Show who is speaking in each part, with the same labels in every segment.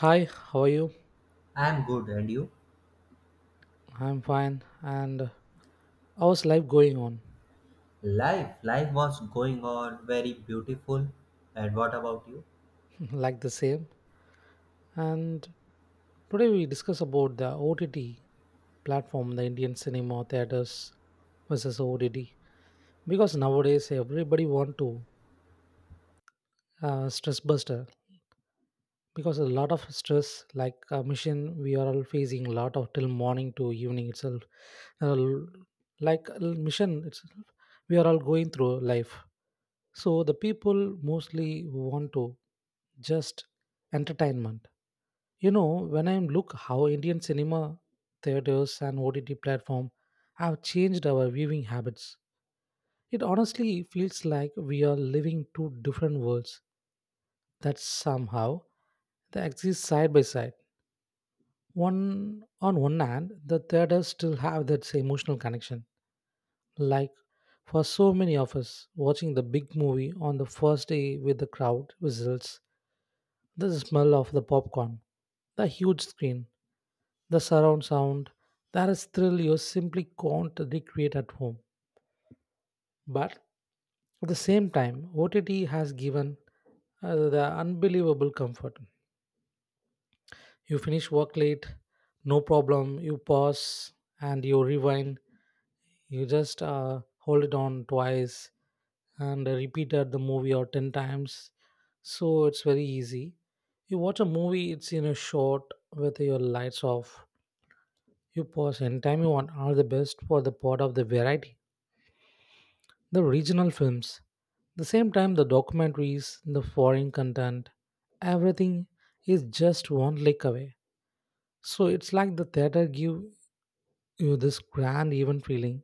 Speaker 1: Hi, how are you?
Speaker 2: I'm good, and you?
Speaker 1: I'm fine. And how's life going on?
Speaker 2: Life was going on very beautiful. And what about you?
Speaker 1: like the same. And today we discuss about the OTT platform, the Indian cinema theaters versus OTT. Because nowadays everybody want to stress buster. Because a lot of stress, like a mission, we are all facing a lot of till morning to evening itself. Uh, l- like mission, it's, we are all going through life. So the people mostly want to just entertainment. You know, when I look how Indian cinema, theaters, and OTT platform have changed our viewing habits, it honestly feels like we are living two different worlds that somehow they exist side by side. One on one hand, the theaters still have that emotional connection. Like for so many of us, watching the big movie on the first day with the crowd results. The smell of the popcorn, the huge screen, the surround sound, there is thrill you simply can't recreate at home. But at the same time, OTT has given the unbelievable comfort. You finish work late, no problem. You pause and you rewind. You just hold it on twice and repeat at the movie or 10 times. So it's very easy. You watch a movie, it's in a short with your lights off. You pause anytime you want are the best for the part of the variety. The regional films. The same time the documentaries, the foreign content, everything is just one click away. So it's like the theater give you this grand event feeling,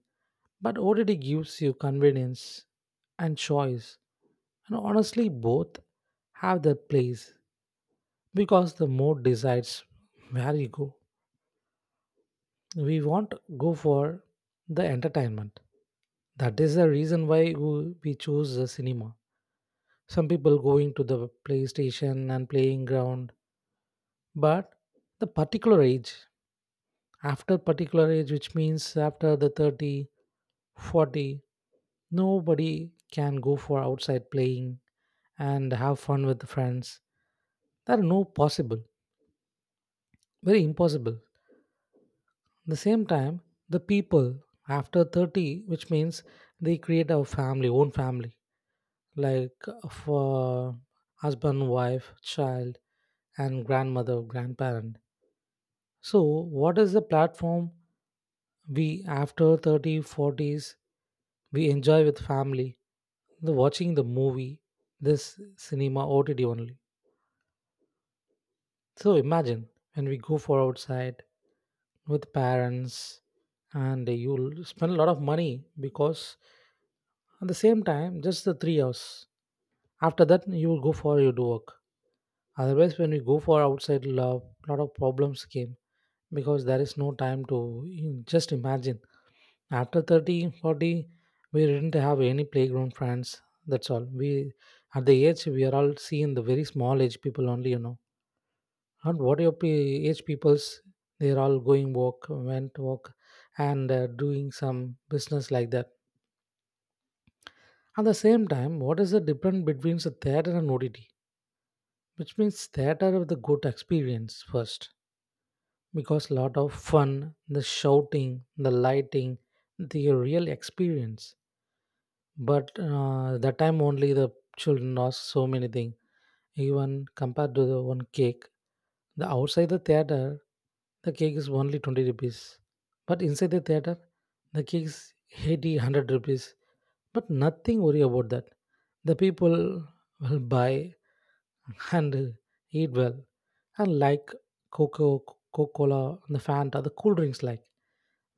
Speaker 1: but OTT gives you convenience and choice. And honestly, both have their place because the mood decides where you go. We want to go for the entertainment. That is the reason why we choose the cinema. Some people going to the PlayStation and playing ground, but the particular age, after particular age, which means after the 30 40, nobody can go for outside playing and have fun with friends, that are no possible, very impossible. The same time the people after 30, which means they create a family, own family, like for husband, wife, child, and grandmother, grandparent. So what is the platform we after 30 forties, we enjoy with family the watching the movie? This cinema, OTT only. So imagine when we go for outside with parents, and you'll spend a lot of money because at the same time just the 3 hours, after that you will go for your work. Otherwise when we go for outside love lot of problems came because there is no time to, just imagine after 30 40, we didn't have any playground friends, that's all we at the age we are all seeing the very small age people only. And what your age peoples they're all going work went work, and doing some business like that. At the same time what is the difference between the theater and ott? Which means theater of the good experience first because lot of fun, the shouting, the lighting, the real experience. But that time only the children lost so many things. Even compared to the one cake, the outside the theater, the cake is only 20 rupees. But inside the theater, the cake is 80, 100 rupees. But nothing worry about that. The people will buy and eat well and like Coca Cola and the Fanta, the cool drinks like.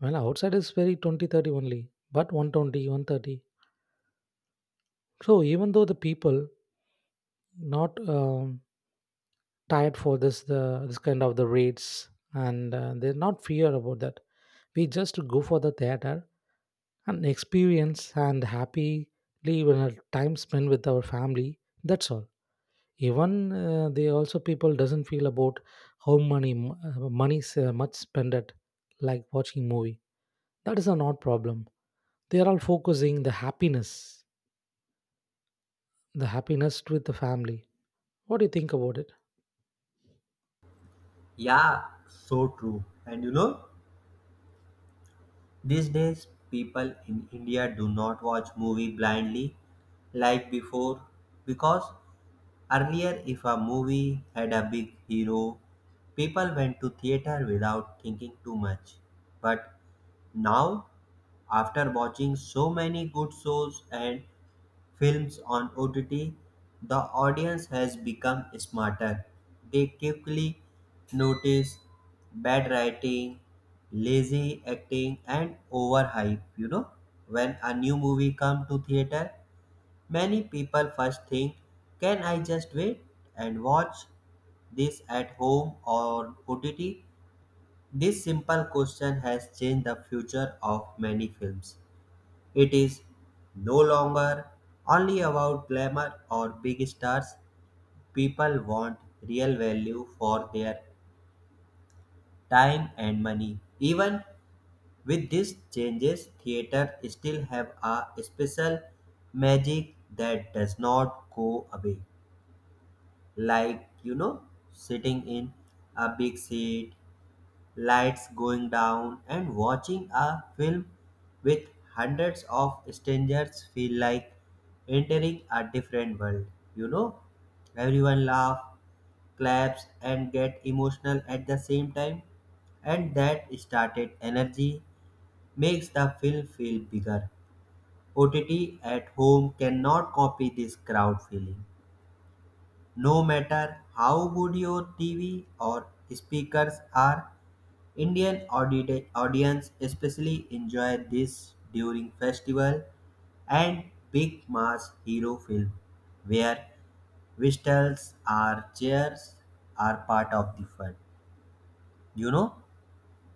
Speaker 1: Well, outside is very 20 30 only, but one twenty one thirty. So even though the people not tired for this kind of the rates and they're not fear about that we just go for the theater and experience and happily when our time spent with our family, that's all. Even they also people doesn't feel about how money's much spent at like watching movie. That is a not problem. They are all focusing the happiness, the happiness with the family. What do you think about it?
Speaker 2: Yeah, so true. And you know, these days people in India do not watch movie blindly like before because earlier if a movie had a big hero, people went to theater without thinking too much. But now after watching so many good shows and films on OTT, the audience has become smarter. They quickly notice bad writing, lazy acting, and overhype. You know, when a new movie comes to theater, many people first think, "Can I just wait and watch this at home or OTT?" This simple question has changed the future of many films. It is no longer only about glamour or big stars. People want real value for their time and money. Even with these changes, theater still have a special magic that does not go away. Like, you know, sitting in a big seat lights going down and watching a film with hundreds of strangers feel like entering a different world. You know, everyone laugh, claps and get emotional at the same time, and that started energy makes the film feel bigger. OTT at home cannot copy this crowd feeling, no matter how good your TV or speakers are, Indian audience especially enjoy this during festival and big mass hero film where whistles or cheers are part of the fun. You know,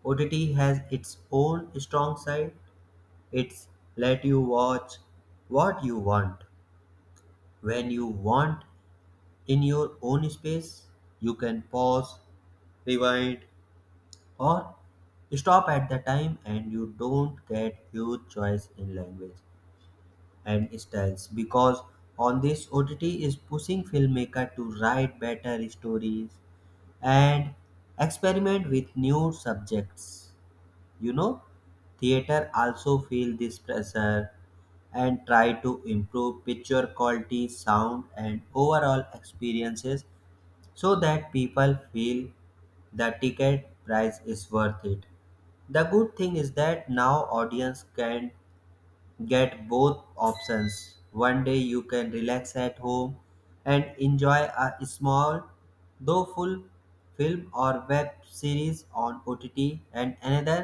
Speaker 2: OTT has its own strong side. It's let you watch what you want, when you want, in your own space, you can pause, rewind, or stop at the time, and you don't get huge choice in language and styles because on this OTT is pushing filmmaker to write better stories and experiment with new subjects. You know, theater also feel this pressure and try to improve picture quality, sound, and overall experiences so that people feel the ticket price is worth it. The good thing is that now audience can get both options. One day you can relax at home and enjoy a small though full film or web series on OTT, and another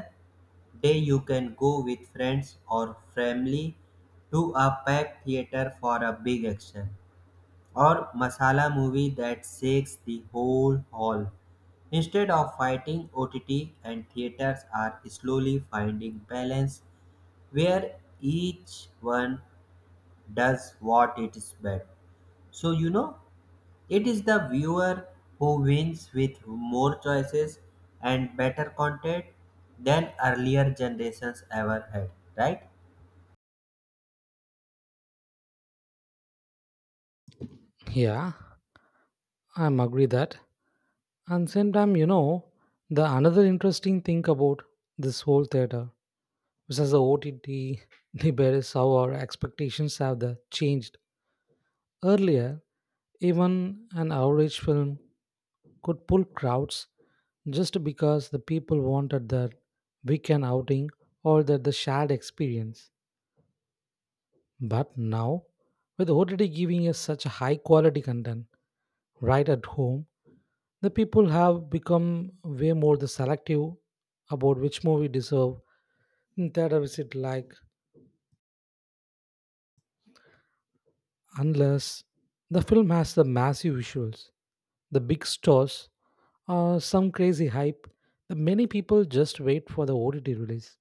Speaker 2: day you can go with friends or family to a packed theater for a big action or masala movie that shakes the whole hall. Instead of fighting, OTT and theaters are slowly finding balance where each one does what it is best. So you know, it is the viewer who wins with more choices and better content than earlier generations ever had, right?
Speaker 1: Yeah, I'm agree that. And same time, you know, the another interesting thing about this whole theater, which is the OTT debate, is how our expectations have the changed. Earlier, even an average film could pull crowds just because the people wanted their weekend outing or that the shared experience. But now, with OTT giving us such a high quality content, right at home, the people have become way more the selective about which movie deserve in theater visit like unless the film has the massive visuals, the big stars, or some crazy hype, the many people just wait for the OTT release.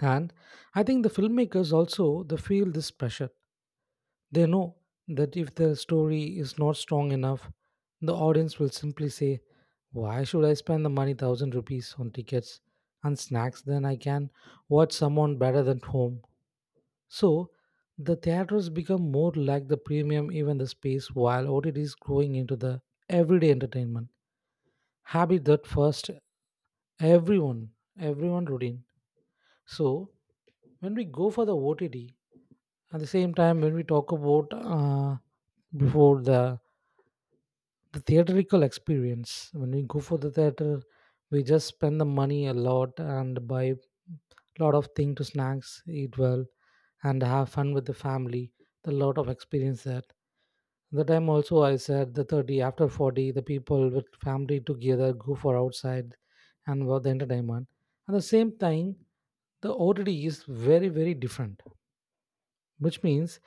Speaker 1: And I think the filmmakers also they feel this pressure. They know that if their story is not strong enough, the audience will simply say, why should I spend the money 1,000 rupees on tickets and snacks? Then I can watch someone better than home. So the theaters become more like the premium even the space while OTT is growing into the everyday entertainment. Habit that first everyone, everyone routine. So when we go for the OTT, at the same time, when we talk about before the theatrical experience, when we go for the theater, we just spend the money a lot and buy a lot of thing to snacks, eat well, and have fun with the family. A lot of experience that. The time also I said the 30 after 40, the people with family together go for outside and for the entertainment. At the same time, the OTD is very, very different, which means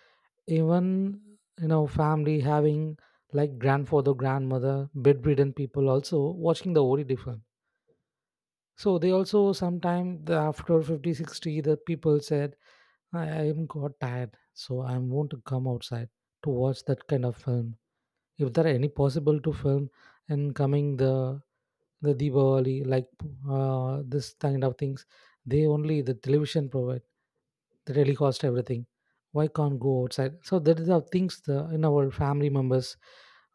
Speaker 1: even family having like grandfather, grandmother, bedridden people also watching the ori different. So they also sometime the after 50 60 the people said, I am got tired so I want to come outside to watch that kind of film if there are any possible to film, and coming the Diwali, like this kind of things. They only the television provide the telecast everything. Why can't go outside? So that is the things the in our family members,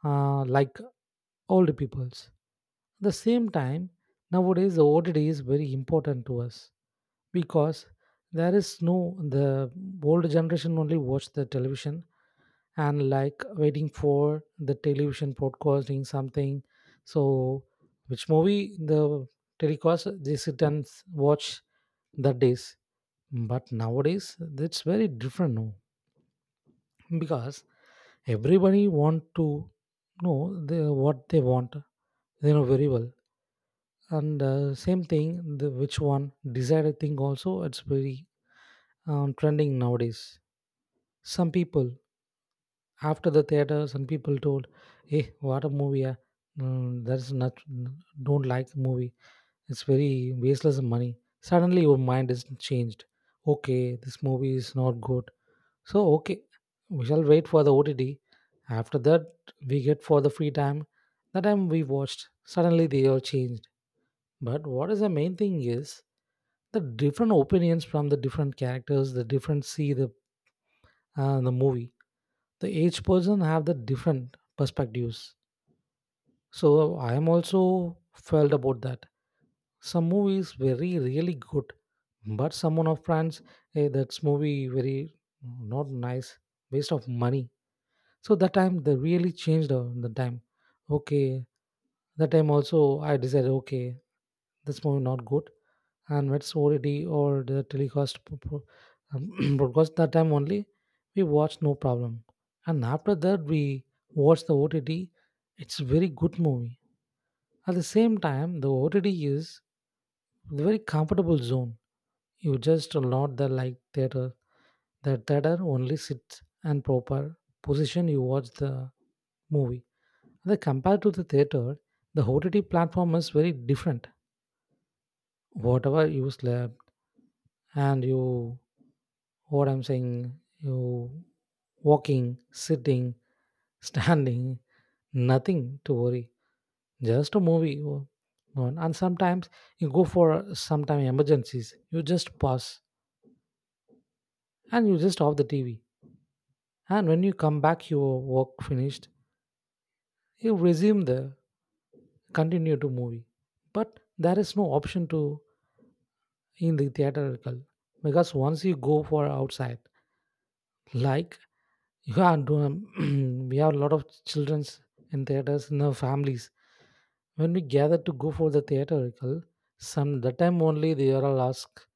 Speaker 1: like older peoples. The same time, nowadays the OTT is very important to us because there is no the older generation only watch the television and like waiting for the television broadcasting something, so which movie the telecast they sit and watch that days. But nowadays it's very different now because everybody want to know the, what they want they know very well, and same thing the which one desired thing also it's very trending nowadays. Some people after the theater, some people told, "Hey, what a movie! Yeah, mm, that's not don't like the movie. It's very wasteless of money." Suddenly, your mind is changed. Okay, this movie is not good. So okay, we shall wait for the OTT. After that, we get for the free time. The time we watched, suddenly they all changed. But what is the main thing is the different opinions from the different characters, the different see the movie. The each person have the different perspectives. So I am also felt about that. Some movie is very really good, but someone of France, hey, that's movie very not nice, waste of money. So that time they really changed the time. Okay, that time also I decided okay, this movie not good, and it's already or the telecast broadcast that time only we watched no problem, and after that we watched the OTT. It's very good movie. At the same time, the OTT is a very comfortable zone. You just not the like theater. The theater only sits and proper position you watch the movie. The compared to the theater, the OTT platform is very different. Whatever you slept and you, what I'm saying, you walking, sitting, standing, nothing to worry. Just a movie. Oh, on. And sometimes you go for some time emergencies. You just pause and you just off the TV. And when you come back, your work finished, you resume the continue to movie. But there is no option to in the theatrical because once you go for outside, like you are doing, we have a lot of childrens in theaters in our families. When we gather to go for the theatrical, some the time only they are all ask,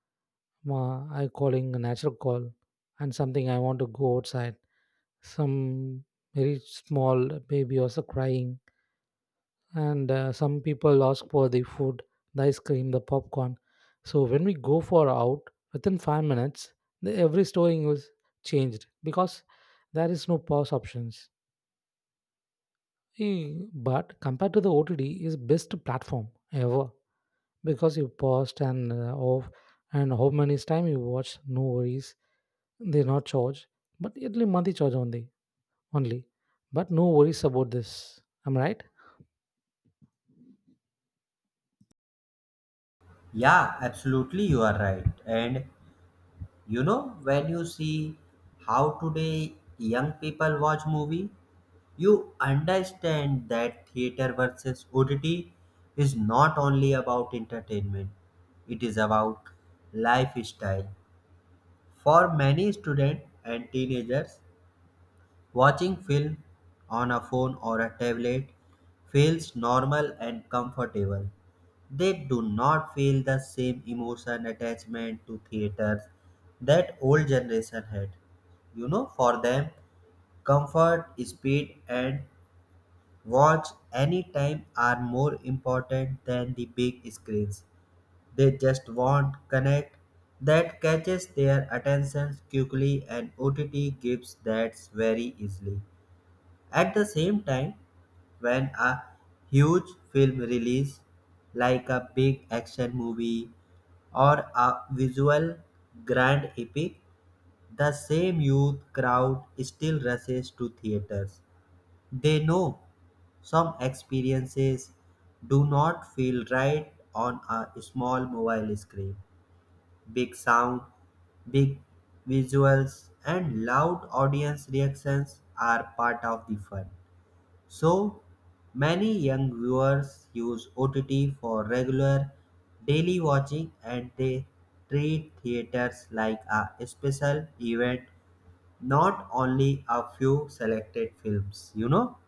Speaker 1: "Ma, I calling a natural call and something I want to go outside, some very small baby also crying, and some people ask for the food, the ice cream, the popcorn, so when we go for out within 5 minutes the, every storing was changed because there is no pause options. Eh, but compared to the otd is best platform ever because you paused and off, and how many time you watch, no worries, they not charge but yearly monthly charge only. But no worries about this. I'm right.
Speaker 2: Yeah, absolutely, you are right. And you know, when you see how today young people watch movie, you understand that theater versus OTT is not only about entertainment. It is about lifestyle. For many students and teenagers, watching film on a phone or a tablet feels normal and comfortable. They do not feel the same emotion attachment to theaters that old generation had. You know, for them, comfort, speed, and watch anytime are more important than the big screens. They just want connect that catches their attention quickly, and OTT gives that very easily. At the same time, when a huge film release, like a big action movie or a visual grand epic, the same youth crowd still rushes to theaters. They know some experiences do not feel right on a small mobile screen. Big sound, big visuals, and loud audience reactions are part of the fun. So, many young viewers use OTT for regular daily watching, and they treat theaters like a special event, not only a few selected films. You know,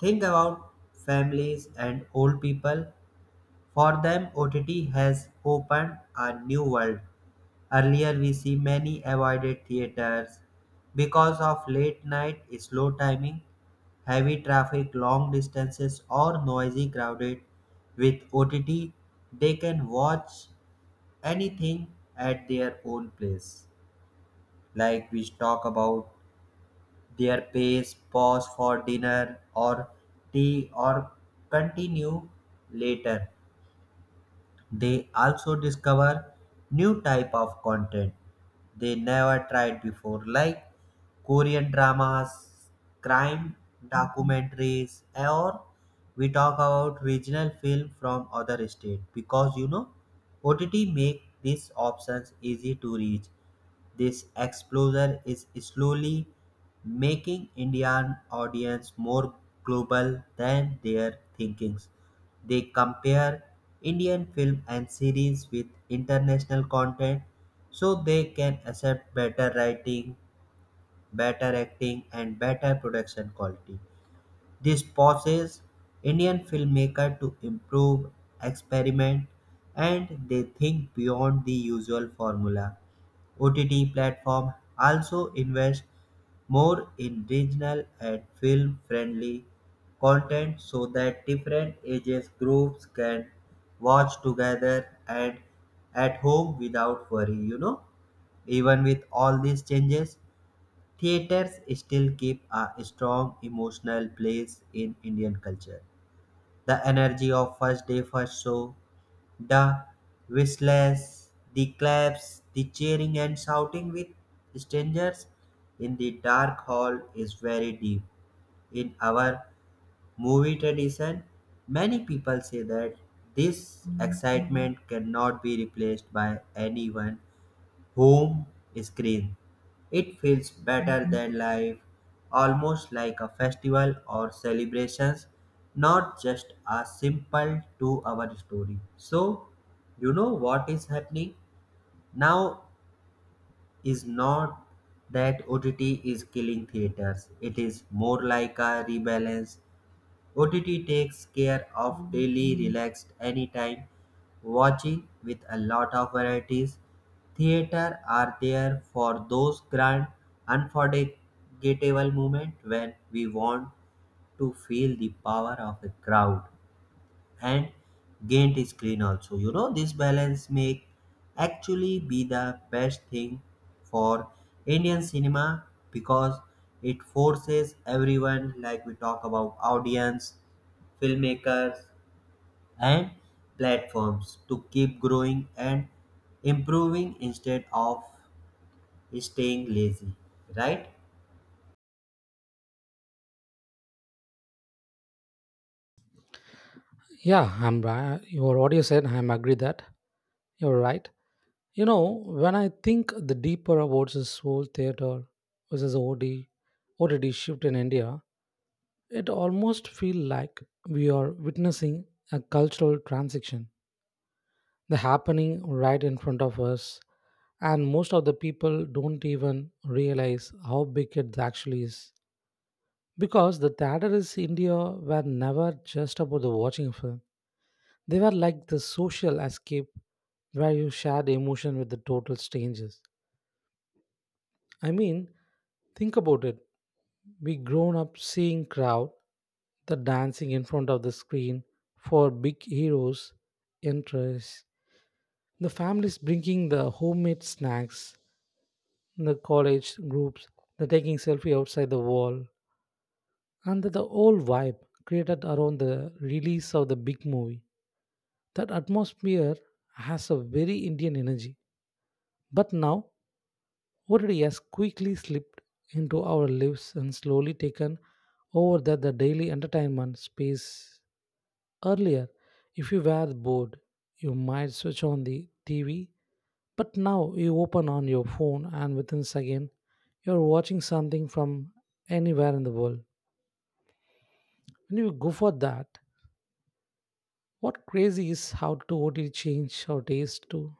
Speaker 2: think about families and old people. For them, OTT has opened a new world. Earlier, we see many avoided theaters because of late night slow timing, heavy traffic, long distances, or noisy crowded. With OTT, they can watch anything at their own place. Like we talk about their pace, pause for dinner or tea, or continue later. They also discover new type of content they never tried before, like Korean dramas, crime documentaries, or we talk about regional film from other state, because you know OTT make these options easy to reach. This exposure is slowly making Indian audience more global than their thinkings. They compare Indian film and series with international content so they can accept better writing, better acting and better production quality. This forces Indian filmmaker to improve, experiment and they think beyond the usual formula. OTT platform also invest more in regional and film-friendly content so that different ages groups can watch together and at home without worry. You know, even with all these changes, theaters still keep a strong emotional place in Indian culture. The energy of first day first show, the whistles, the claps, the cheering and shouting with strangers in the dark hall is very deep. In our movie tradition, many people say that this excitement cannot be replaced by anyone home screen. It feels better than life, almost like a festival or celebrations, not just a simple 2 hour story. So, you know what is happening now is not that OTT is killing theaters, it is more like a rebalance. OTT takes care of daily relaxed anytime watching with a lot of varieties. Theater are there for those grand unforgettable moments when we want to feel the power of a crowd and gained screen. Also, you know, this balance may actually be the best thing for Indian cinema because it forces everyone, like we talk about audience, filmmakers and platforms, to keep growing and improving instead of staying lazy, right?
Speaker 1: Yeah, I'm right. Your audio said I'm agree that you're right. You know, when I think the deeper about this whole theater versus OTD shift in India, it almost feel like we are witnessing a cultural transition, the happening right in front of us, and most of the people don't even realize how big it actually is. Because the theater is India were never just about the watching a film. They were like the social escape where you shared emotion with the total strangers. I mean, think about it. We grown up seeing crowd, the dancing in front of the screen for big heroes, interests, the families bringing the homemade snacks, the college groups, the taking selfie outside the wall, and the whole vibe created around the release of the big movie. That atmosphere has a very Indian energy. But now Worry has quickly slipped into our lives and slowly taken over the daily entertainment space. Earlier, if you were bored, you might switch on the TV, but now you open on your phone and within second, you're watching something from anywhere in the world. When you go for that, what crazy is how to OT change our taste too.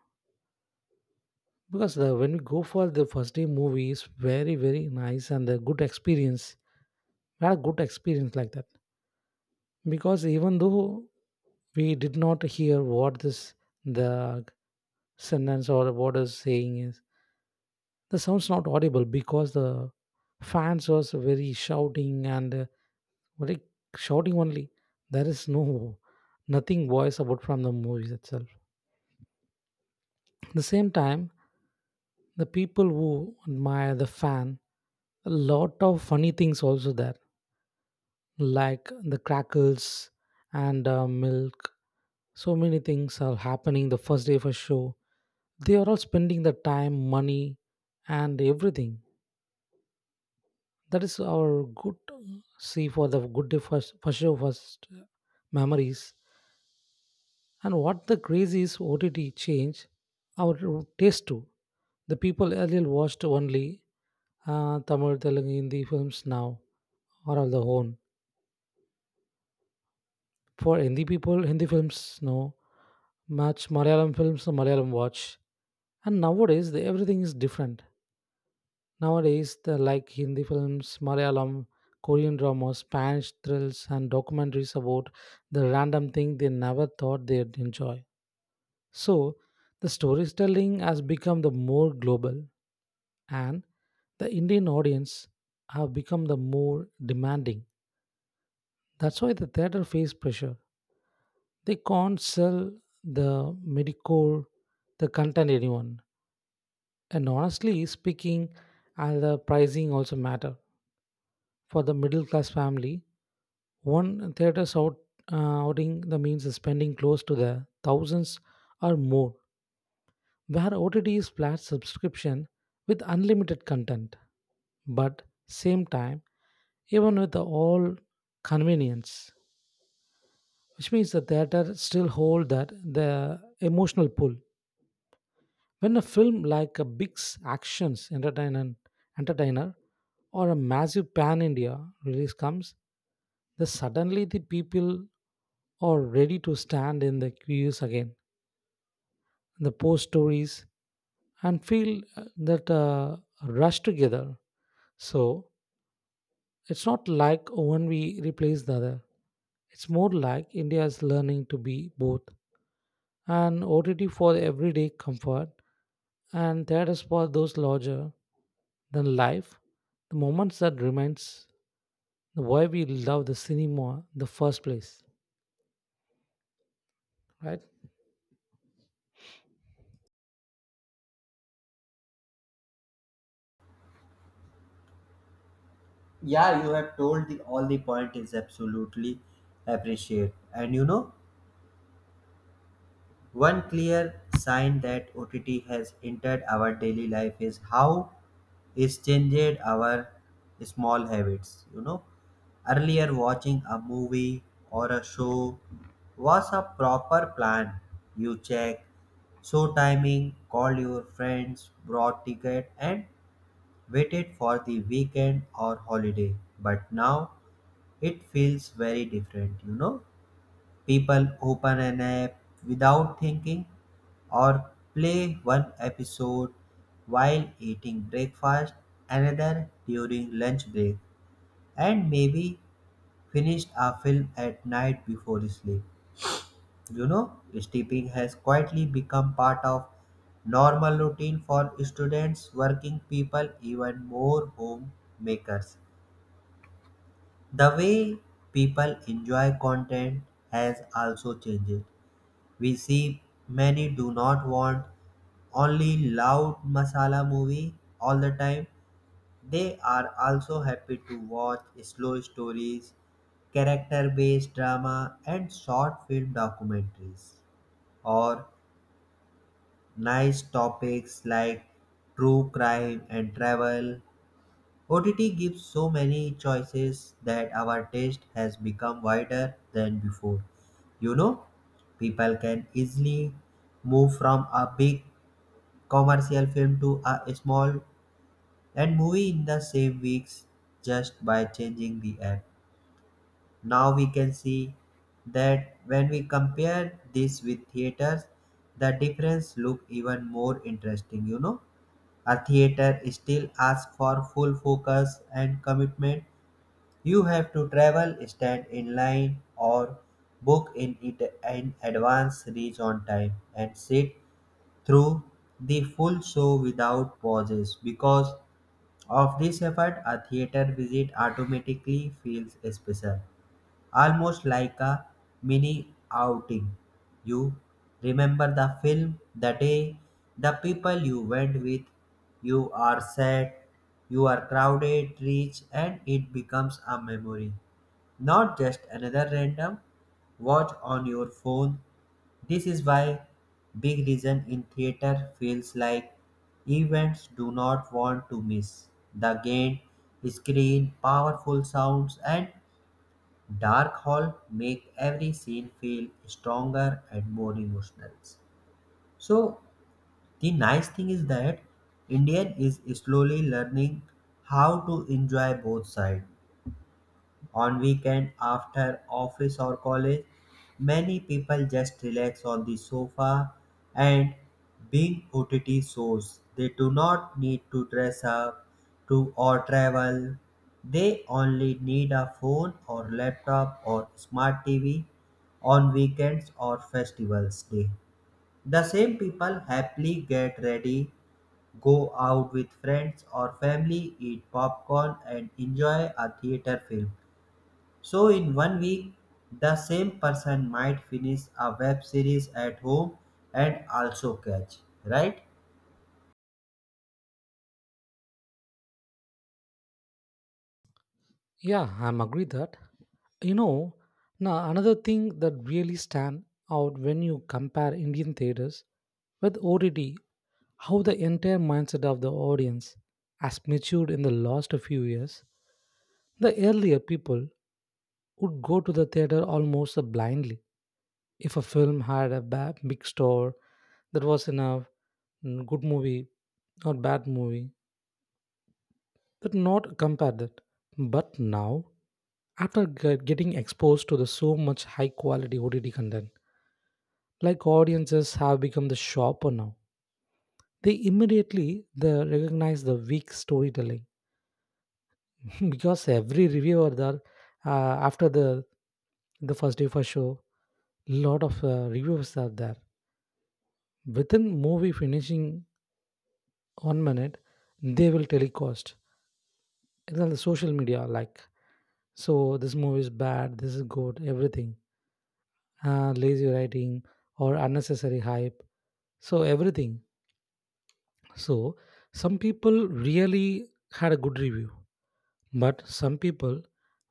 Speaker 1: Because the, when we go for the first day movie is very very nice and the good experience. We had a good experience like that. Because even though we did not hear what this the sentence or what is saying is the sound's not audible because the fans was very shouting and very shouting only, there is no nothing voice about from the movies itself, the same time the people who admire the fan, a lot of funny things also there, like the crackles and milk. So many things are happening the first day of a show. They are all spending the time, money, and everything. That is our good see for the good day first, first show first memories. And what the crazy is OTT change our taste too. The people earlier watched only Tamil, Telugu, Hindi films now are all the own. For Hindi people, Hindi films know much. Malayalam films, no, Malayalam watch. And nowadays, the, everything is different. Nowadays, the like Hindi films, Malayalam, Korean dramas, Spanish thrills, and documentaries about the random thing they never thought they'd enjoy. So, the storytelling has become the more global, and the Indian audience have become the more demanding. That's why the theater face pressure. They can't sell the medical, the content anyone. And honestly speaking, and the pricing also matter. For the middle class family, one theater's out, outing the means is spending close to the thousands or more, where OTT is flat subscription with unlimited content. But same time, even with the all convenience, which means the theater still hold that the emotional pull when a film like a actions entertainer or a massive pan india release comes, the suddenly the people are ready to stand in the queues again, the post stories and feel uh, that rush together. So it's not like one we replace the other, it's more like india is learning to be both, and OTT for everyday comfort, and theaters for those larger than life, the moments that reminds why we love the cinema in the first place, right?
Speaker 2: Yeah, you have told the all the point is absolutely appreciate. And you know, one clear sign that OTT has entered our daily life is how it's changed our small habits. You know, earlier watching a movie or a show was a proper plan. You check show timing, call your friends, brought ticket, and waited for the weekend or holiday. But now it feels very different, you know. People open an app without thinking or play one episode while eating breakfast, another during lunch break, and maybe finish a film at night before sleep. You know, sleeping has quietly become part of normal routine for students, working people, even more homemakers. The way people enjoy content has also changed. We see many do not want only loud masala movie all the time. They are also happy to watch slow stories, character based drama, and short film documentaries, or nice topics like true crime and travel. OTT gives so many choices that our taste has become wider than before. You know, people can easily move from a big commercial film to a small and movie in the same weeks just by changing the app. Now we can see that when we compare this with theaters, the difference look even more interesting, you know. A theater still asks for full focus and commitment. You have to travel, stand in line, or book in it in advance, reach on time, and sit through the full show without pauses. Because of this effort, a theater visit automatically feels special, almost like a mini outing. You remember the film, the day, the people you went with, you are sad, you are crowded, rich, and it becomes a memory, not just another random watch on your phone. This is why big reason in theater feels like events do not want to miss. The gain, screen, powerful sounds and dark hall make every scene feel stronger and more emotional. So the nice thing is that Indian is slowly learning how to enjoy both sides. On weekend after office or college, many people just relax on the sofa and being OTT shows. They do not need to dress up to or travel. They only need a phone or laptop or smart TV. On weekends or festivals day, the same people happily get ready, go out with friends or family, eat popcorn and enjoy a theater film. So, in 1 week, the same person might finish a web series at home and also catch, right?
Speaker 1: Yeah, I'm agree that. You know, now another thing that really stand out when you compare Indian theaters with OTT, how the entire mindset of the audience has matured in the last few years. The earlier people would go to the theater almost blindly. If a film had a bad, big star, that was enough. Mm, good movie, not bad movie. But not compare that. But now, after getting exposed to the so much high quality OTT content, like audiences have become the shopper now. They immediately they recognize the weak storytelling because every reviewer there, uh, after the first day for show, lot of reviewers are there. Within movie finishing 1 minute they will telecast it's on the social media, like, so this movie is bad, this is good, everything, lazy writing or unnecessary hype, so everything. So some people really had a good review, but some people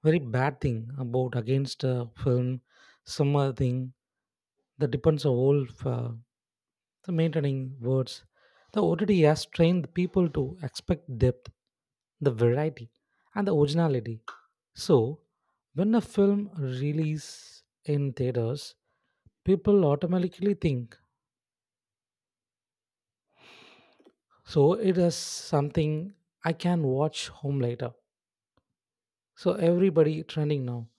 Speaker 1: very bad thing about against a film, some other thing. That depends on whole the maintaining words. The OTT has trained people to expect depth, the variety, and the originality. So, when a film release in theaters, people automatically think, so it is something I can watch home later. So everybody trending now.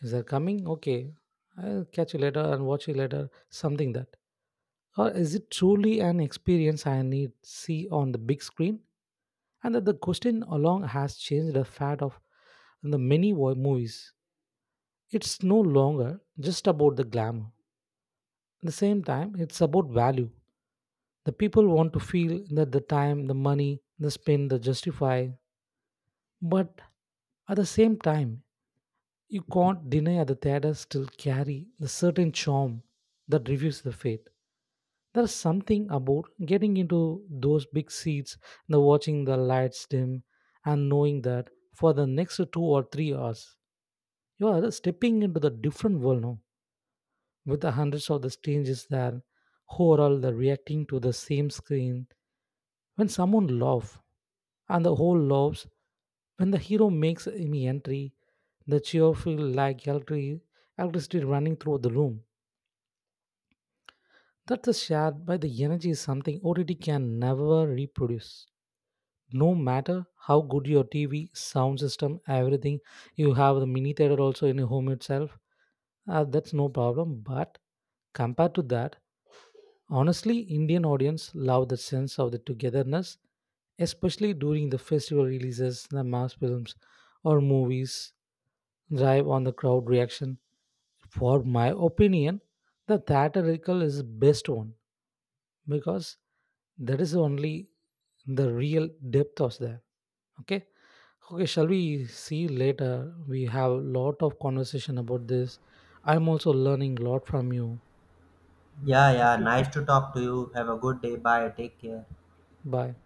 Speaker 1: Is that coming? Okay, I'll catch you later and watch you later. Something that. Or is it truly an experience I need see on the big screen? And that the question along has changed the fad of the many movies. It's no longer just about the glamour. At the same time, it's about value. The people want to feel that the time, the money, the spin, the justify. But at the same time, you can't deny that the theaters still carry the certain charm that reveals the fate. There's something about getting into those big seats, the watching the lights dim, and knowing that for the next 2 or 3 hours, you are stepping into the different world now, with the hundreds of the strangers there, who are all the reacting to the same screen. When someone laughs, and the whole laughs, when the hero makes any entry, the cheer feels like electricity running through the room. That is shared by the energy is something OTT can never reproduce. No matter how good your TV, sound system, everything, you have the mini theater also in your home itself, that's no problem. But compared to that, honestly, Indian audience love the sense of the togetherness, especially during the festival releases, the mass films or movies drive on the crowd reaction. For my opinion, the theatrical is best one because that is only the real depth of there. Okay. Okay, shall we see later? We have lot of conversation about this. I'm also learning a lot from you.
Speaker 2: Yeah, yeah,
Speaker 1: Okay,
Speaker 2: nice to talk to you. Have a good day. Bye. Take care.
Speaker 1: bye.